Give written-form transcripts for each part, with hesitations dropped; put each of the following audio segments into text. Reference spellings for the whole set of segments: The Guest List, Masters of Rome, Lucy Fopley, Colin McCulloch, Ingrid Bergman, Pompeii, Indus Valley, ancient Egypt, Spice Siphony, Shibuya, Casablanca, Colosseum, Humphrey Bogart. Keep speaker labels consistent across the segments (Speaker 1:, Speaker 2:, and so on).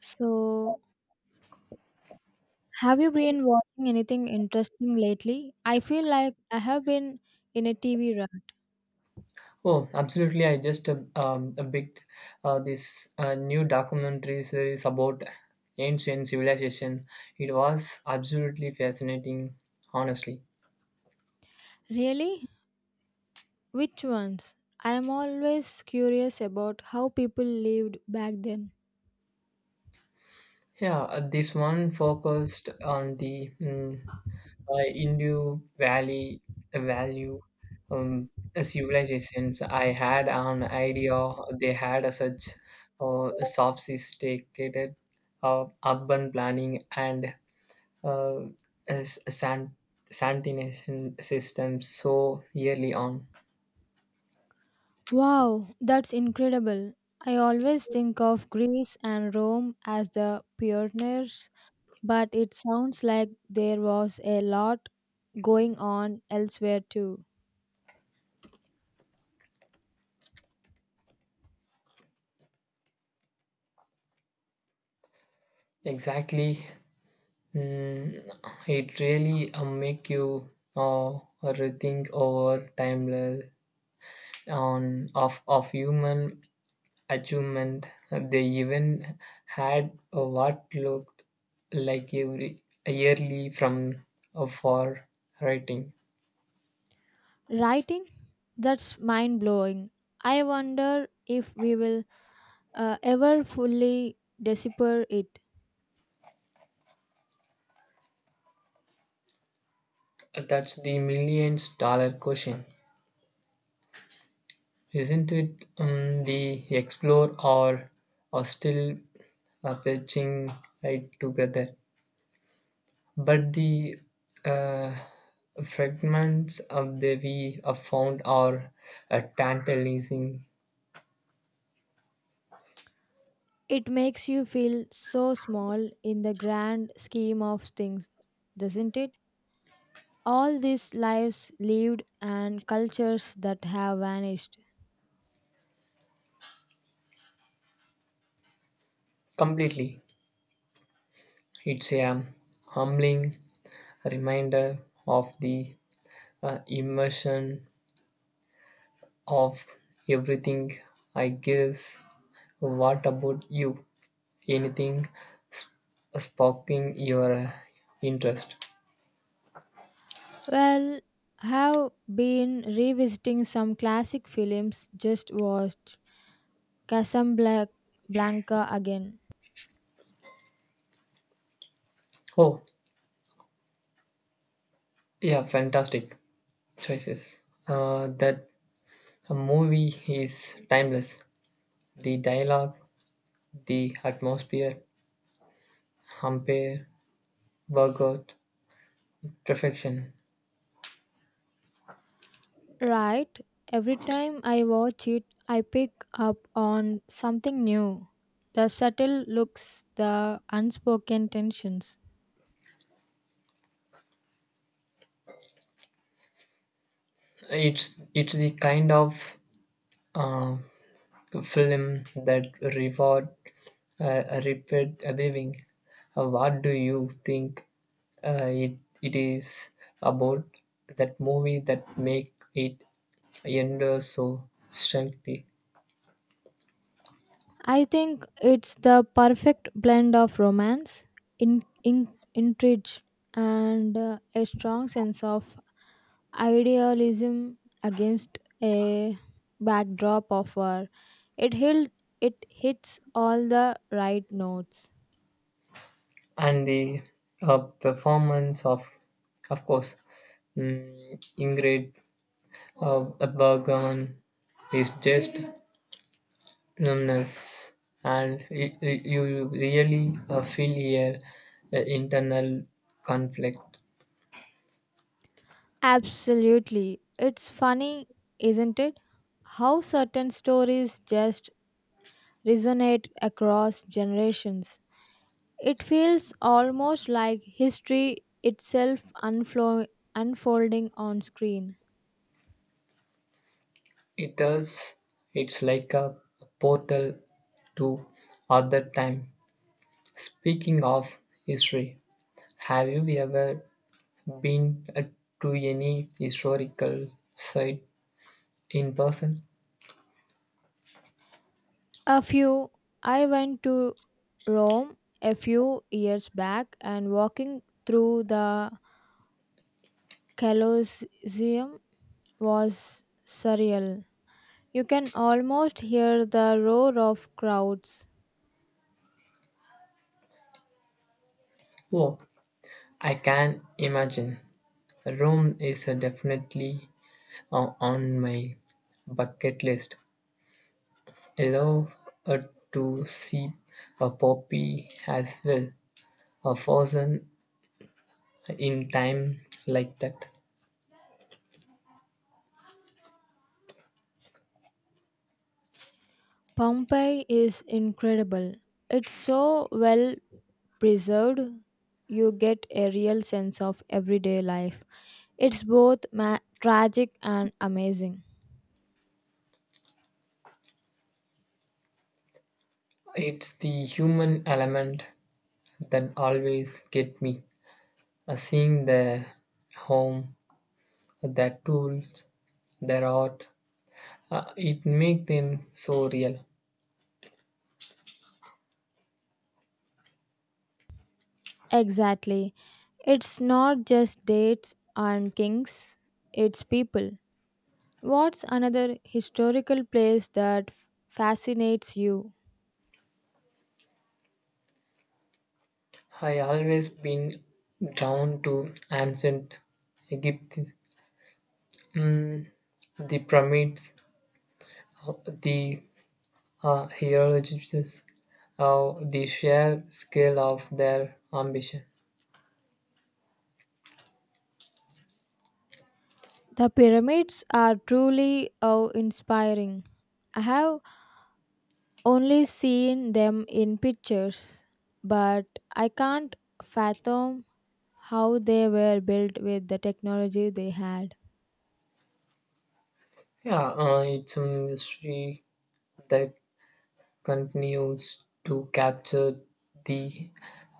Speaker 1: So, have you been watching anything interesting lately? I feel like I have been in a TV rut.
Speaker 2: Oh, absolutely. I just a bit this new documentary series about ancient civilization. It was absolutely fascinating, honestly.
Speaker 1: Really? Which ones? I am always curious about how people lived back then.
Speaker 2: Yeah, this one focused on the Indus Valley value um, civilizations. I had an idea they had a such sophisticated urban planning and uh, as a sanitation system so early on.
Speaker 1: Wow, that's incredible. I always think of Greece and Rome as the pioneers, but it sounds like there was a lot going on elsewhere too.
Speaker 2: Exactly, Mm, it really make you uh, rethink over timeless on of human achievement. They even had what looked like every yearly from for writing.
Speaker 1: Writing? That's mind blowing. I wonder if we will ever fully decipher it.
Speaker 2: That's the millions dollar question. Isn't it, the explore or are still patching it together? But the uh, fragments of the we have found are tantalizing
Speaker 1: It makes you feel so small in the grand scheme of things, doesn't it? All these lives lived and cultures that have vanished.
Speaker 2: completely. It's a humbling reminder of the immersion of everything. I guess. What about you? Anything sp- sparking your interest?
Speaker 1: Well, have been revisiting some classic films just watched Casablanca again.
Speaker 2: Oh, yeah, fantastic choices. That a movie is timeless. The dialogue, the atmosphere, umpire, workout, perfection.
Speaker 1: Right. Every time I watch it, I pick up on something new. The subtle looks, the unspoken tensions.
Speaker 2: It's the kind of uh, film that reward repeat viewing. What do you think it is about that movie that make it endure so strongly,
Speaker 1: I think it's the perfect blend of romance, in, in, intrigue, and a strong sense of idealism against a backdrop of war. It, hit, it hits all the right notes.
Speaker 2: and the performance of course, Ingrid Bergman is just numbness, and you really feel here the internal conflict.
Speaker 1: Absolutely. It's funny, isn't it? How certain stories just resonate across generations. It feels almost like history itself unfolding on screen.
Speaker 2: It does. It's like a portal to other time. Speaking of history, have you ever been to any historical site in person?
Speaker 1: A few, I went to Rome a few years back and walking through the Colosseum was surreal. You can almost hear the roar of crowds.
Speaker 2: Oh, I can imagine. Rome is definitely on my bucket list. I love uh, to see a poppy as well, a frozen in time like that.
Speaker 1: Pompeii is incredible. It's so well preserved, you get a real sense of everyday life. It's both tragic and amazing.
Speaker 2: It's the human element that always get me. Seeing their home, their tools, their art, it make them so real.
Speaker 1: Exactly. It's not just dates and kings, it's people. What's another historical place that fascinates you?
Speaker 2: I always been drawn to ancient Egypt, mm, the pyramids, the hieroglyphs, the sheer scale of their ambition.
Speaker 1: The pyramids are truly awe inspiring. I have only seen them in pictures, but I can't fathom how they were built with the technology they had.
Speaker 2: Yeah, it's a mystery that continues to capture the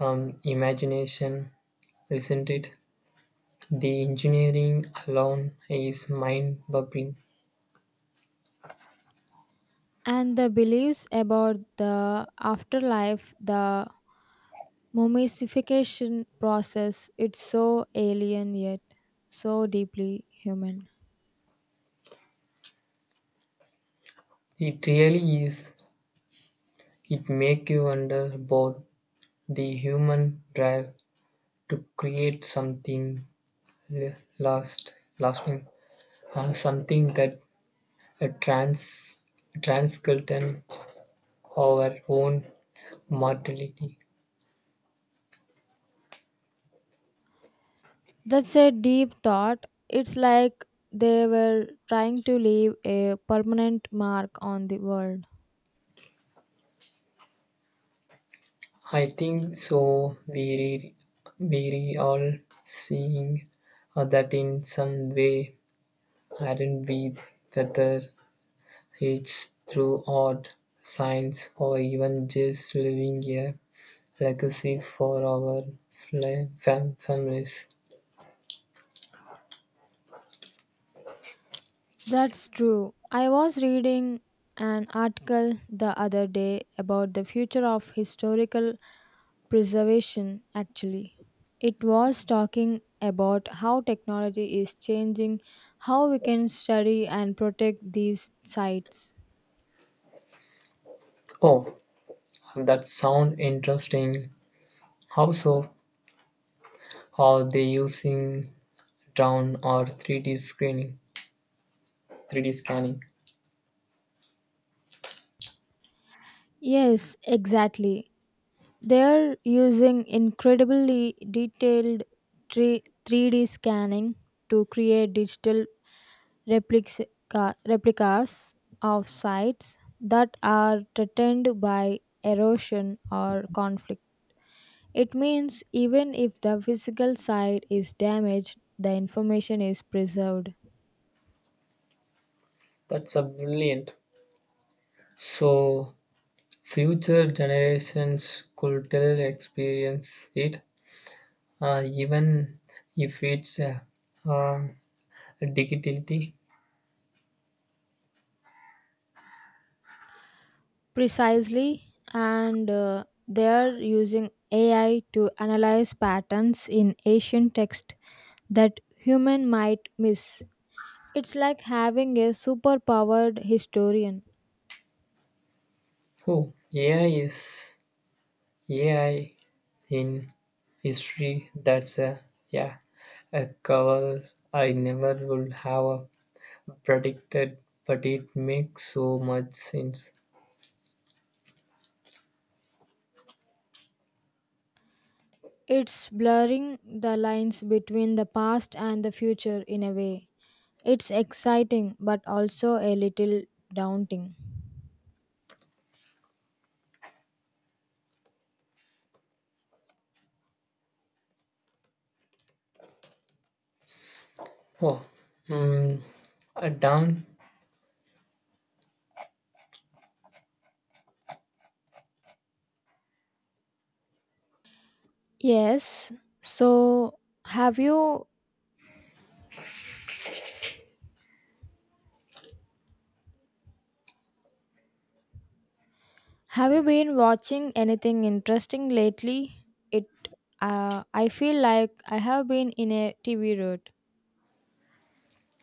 Speaker 2: imagination, isn't it? The engineering alone is mind-boggling.
Speaker 1: And the beliefs about the afterlife, the mummification process, it's so alien yet so deeply human.
Speaker 2: It really is. It makes you wonder about the human drive to create something lasting, or something that uh, trans, transcends our own mortality.
Speaker 1: That's a deep thought. It's like they were trying to leave a permanent mark on the world.
Speaker 2: I think so. We re all seeing that in some way, aren't we? Whether it's through art, science, or even just leaving a legacy for our families.
Speaker 1: That's true. I was reading an article the other day about the future of historical preservation, actually. It was talking about how technology is changing how we can study and protect these sites.
Speaker 2: Oh, that sound interesting. How so? Are they using drone or 3D screening? 3D scanning.
Speaker 1: Yes, exactly. They're using incredibly detailed 3D scanning to create digital replics, replicas of sites that are threatened by erosion or conflict. It means even if the physical site is damaged, the information is preserved.
Speaker 2: That's a brilliant. So future generations could still experience it, even if it's um, digitally.
Speaker 1: Precisely, and they are using AI to analyze patterns in ancient text that human might miss. It's like having a superpowered historian.
Speaker 2: Oh, AI in history. That's a yeah, a call I never would have predicted, but it makes so much sense.
Speaker 1: It's blurring the lines between the past and the future in a way. It's exciting but also a little daunting.
Speaker 2: Oh, mm, down.
Speaker 1: Yes. So, have you have you been watching anything interesting lately? It I feel like I have been in a TV rut.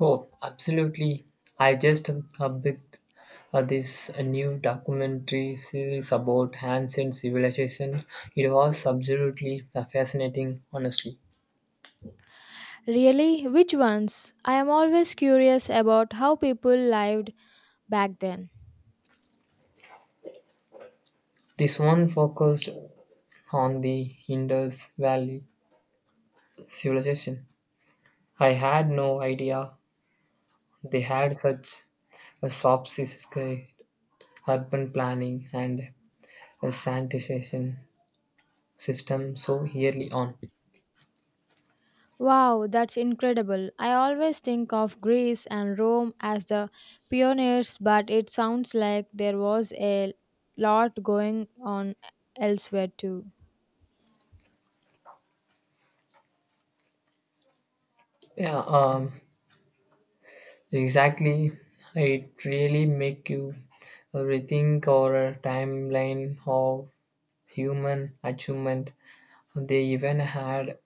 Speaker 2: Oh, absolutely. I just picked this new documentary series about ancient civilization. It was absolutely fascinating, honestly.
Speaker 1: Really? Which ones? I am always curious about how people lived back then.
Speaker 2: This one focused on the Indus Valley civilization. I had no idea they had such a sophisticated urban planning and a sanitation system so early on.
Speaker 1: Wow, that's incredible. I always think of Greece and Rome as the pioneers, but it sounds like there was a lot going on elsewhere too.
Speaker 2: Yeah, exactly. It really make you rethink our timeline of human achievement. They even had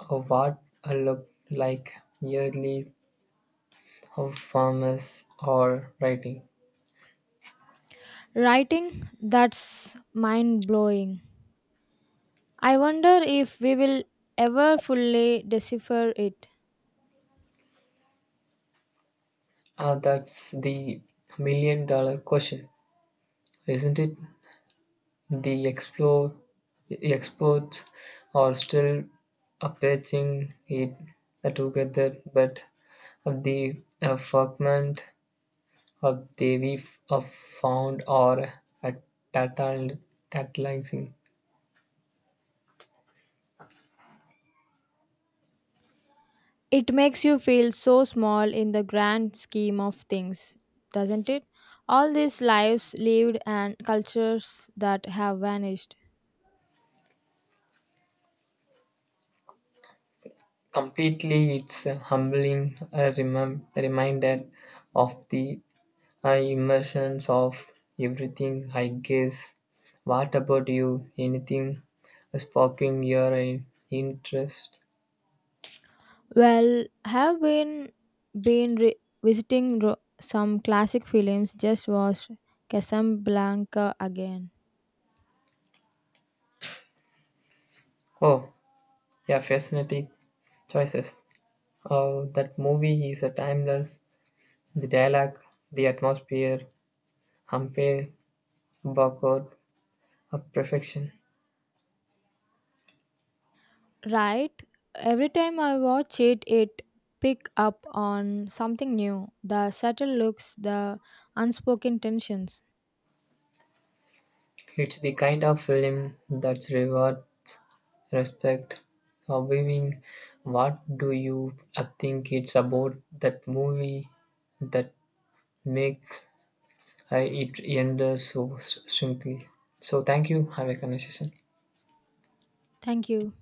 Speaker 2: a what looked like yearly of farmers or writing.
Speaker 1: Writing? That's mind blowing. I wonder if we will ever fully decipher it.
Speaker 2: That's the million-dollar question, isn't it? The explore, experts are still patching it together, but of the fragment of the we found are uh, tatal- tantalizing.
Speaker 1: It makes you feel so small in the grand scheme of things, doesn't it? All these lives lived and cultures that have vanished.
Speaker 2: Completely, it's a humbling reminder of the I immersions of everything, I guess. What about you? Anything sparking your interest?
Speaker 1: Well, have been been re- visiting some classic films. Just watched Casablanca again.
Speaker 2: Oh, yeah, fascinating choices. Oh, that movie is a timeless. The dialogue, the atmosphere, Humphrey Bogart, a perfection.
Speaker 1: Right, every time I watch it, it pick up on something new. The subtle looks, the unspoken tensions.
Speaker 2: It's the kind of film that rewards respect. Viewing, what do you think it's about that movie that makes it enders so so thank you. Have a conversation.
Speaker 1: Thank you.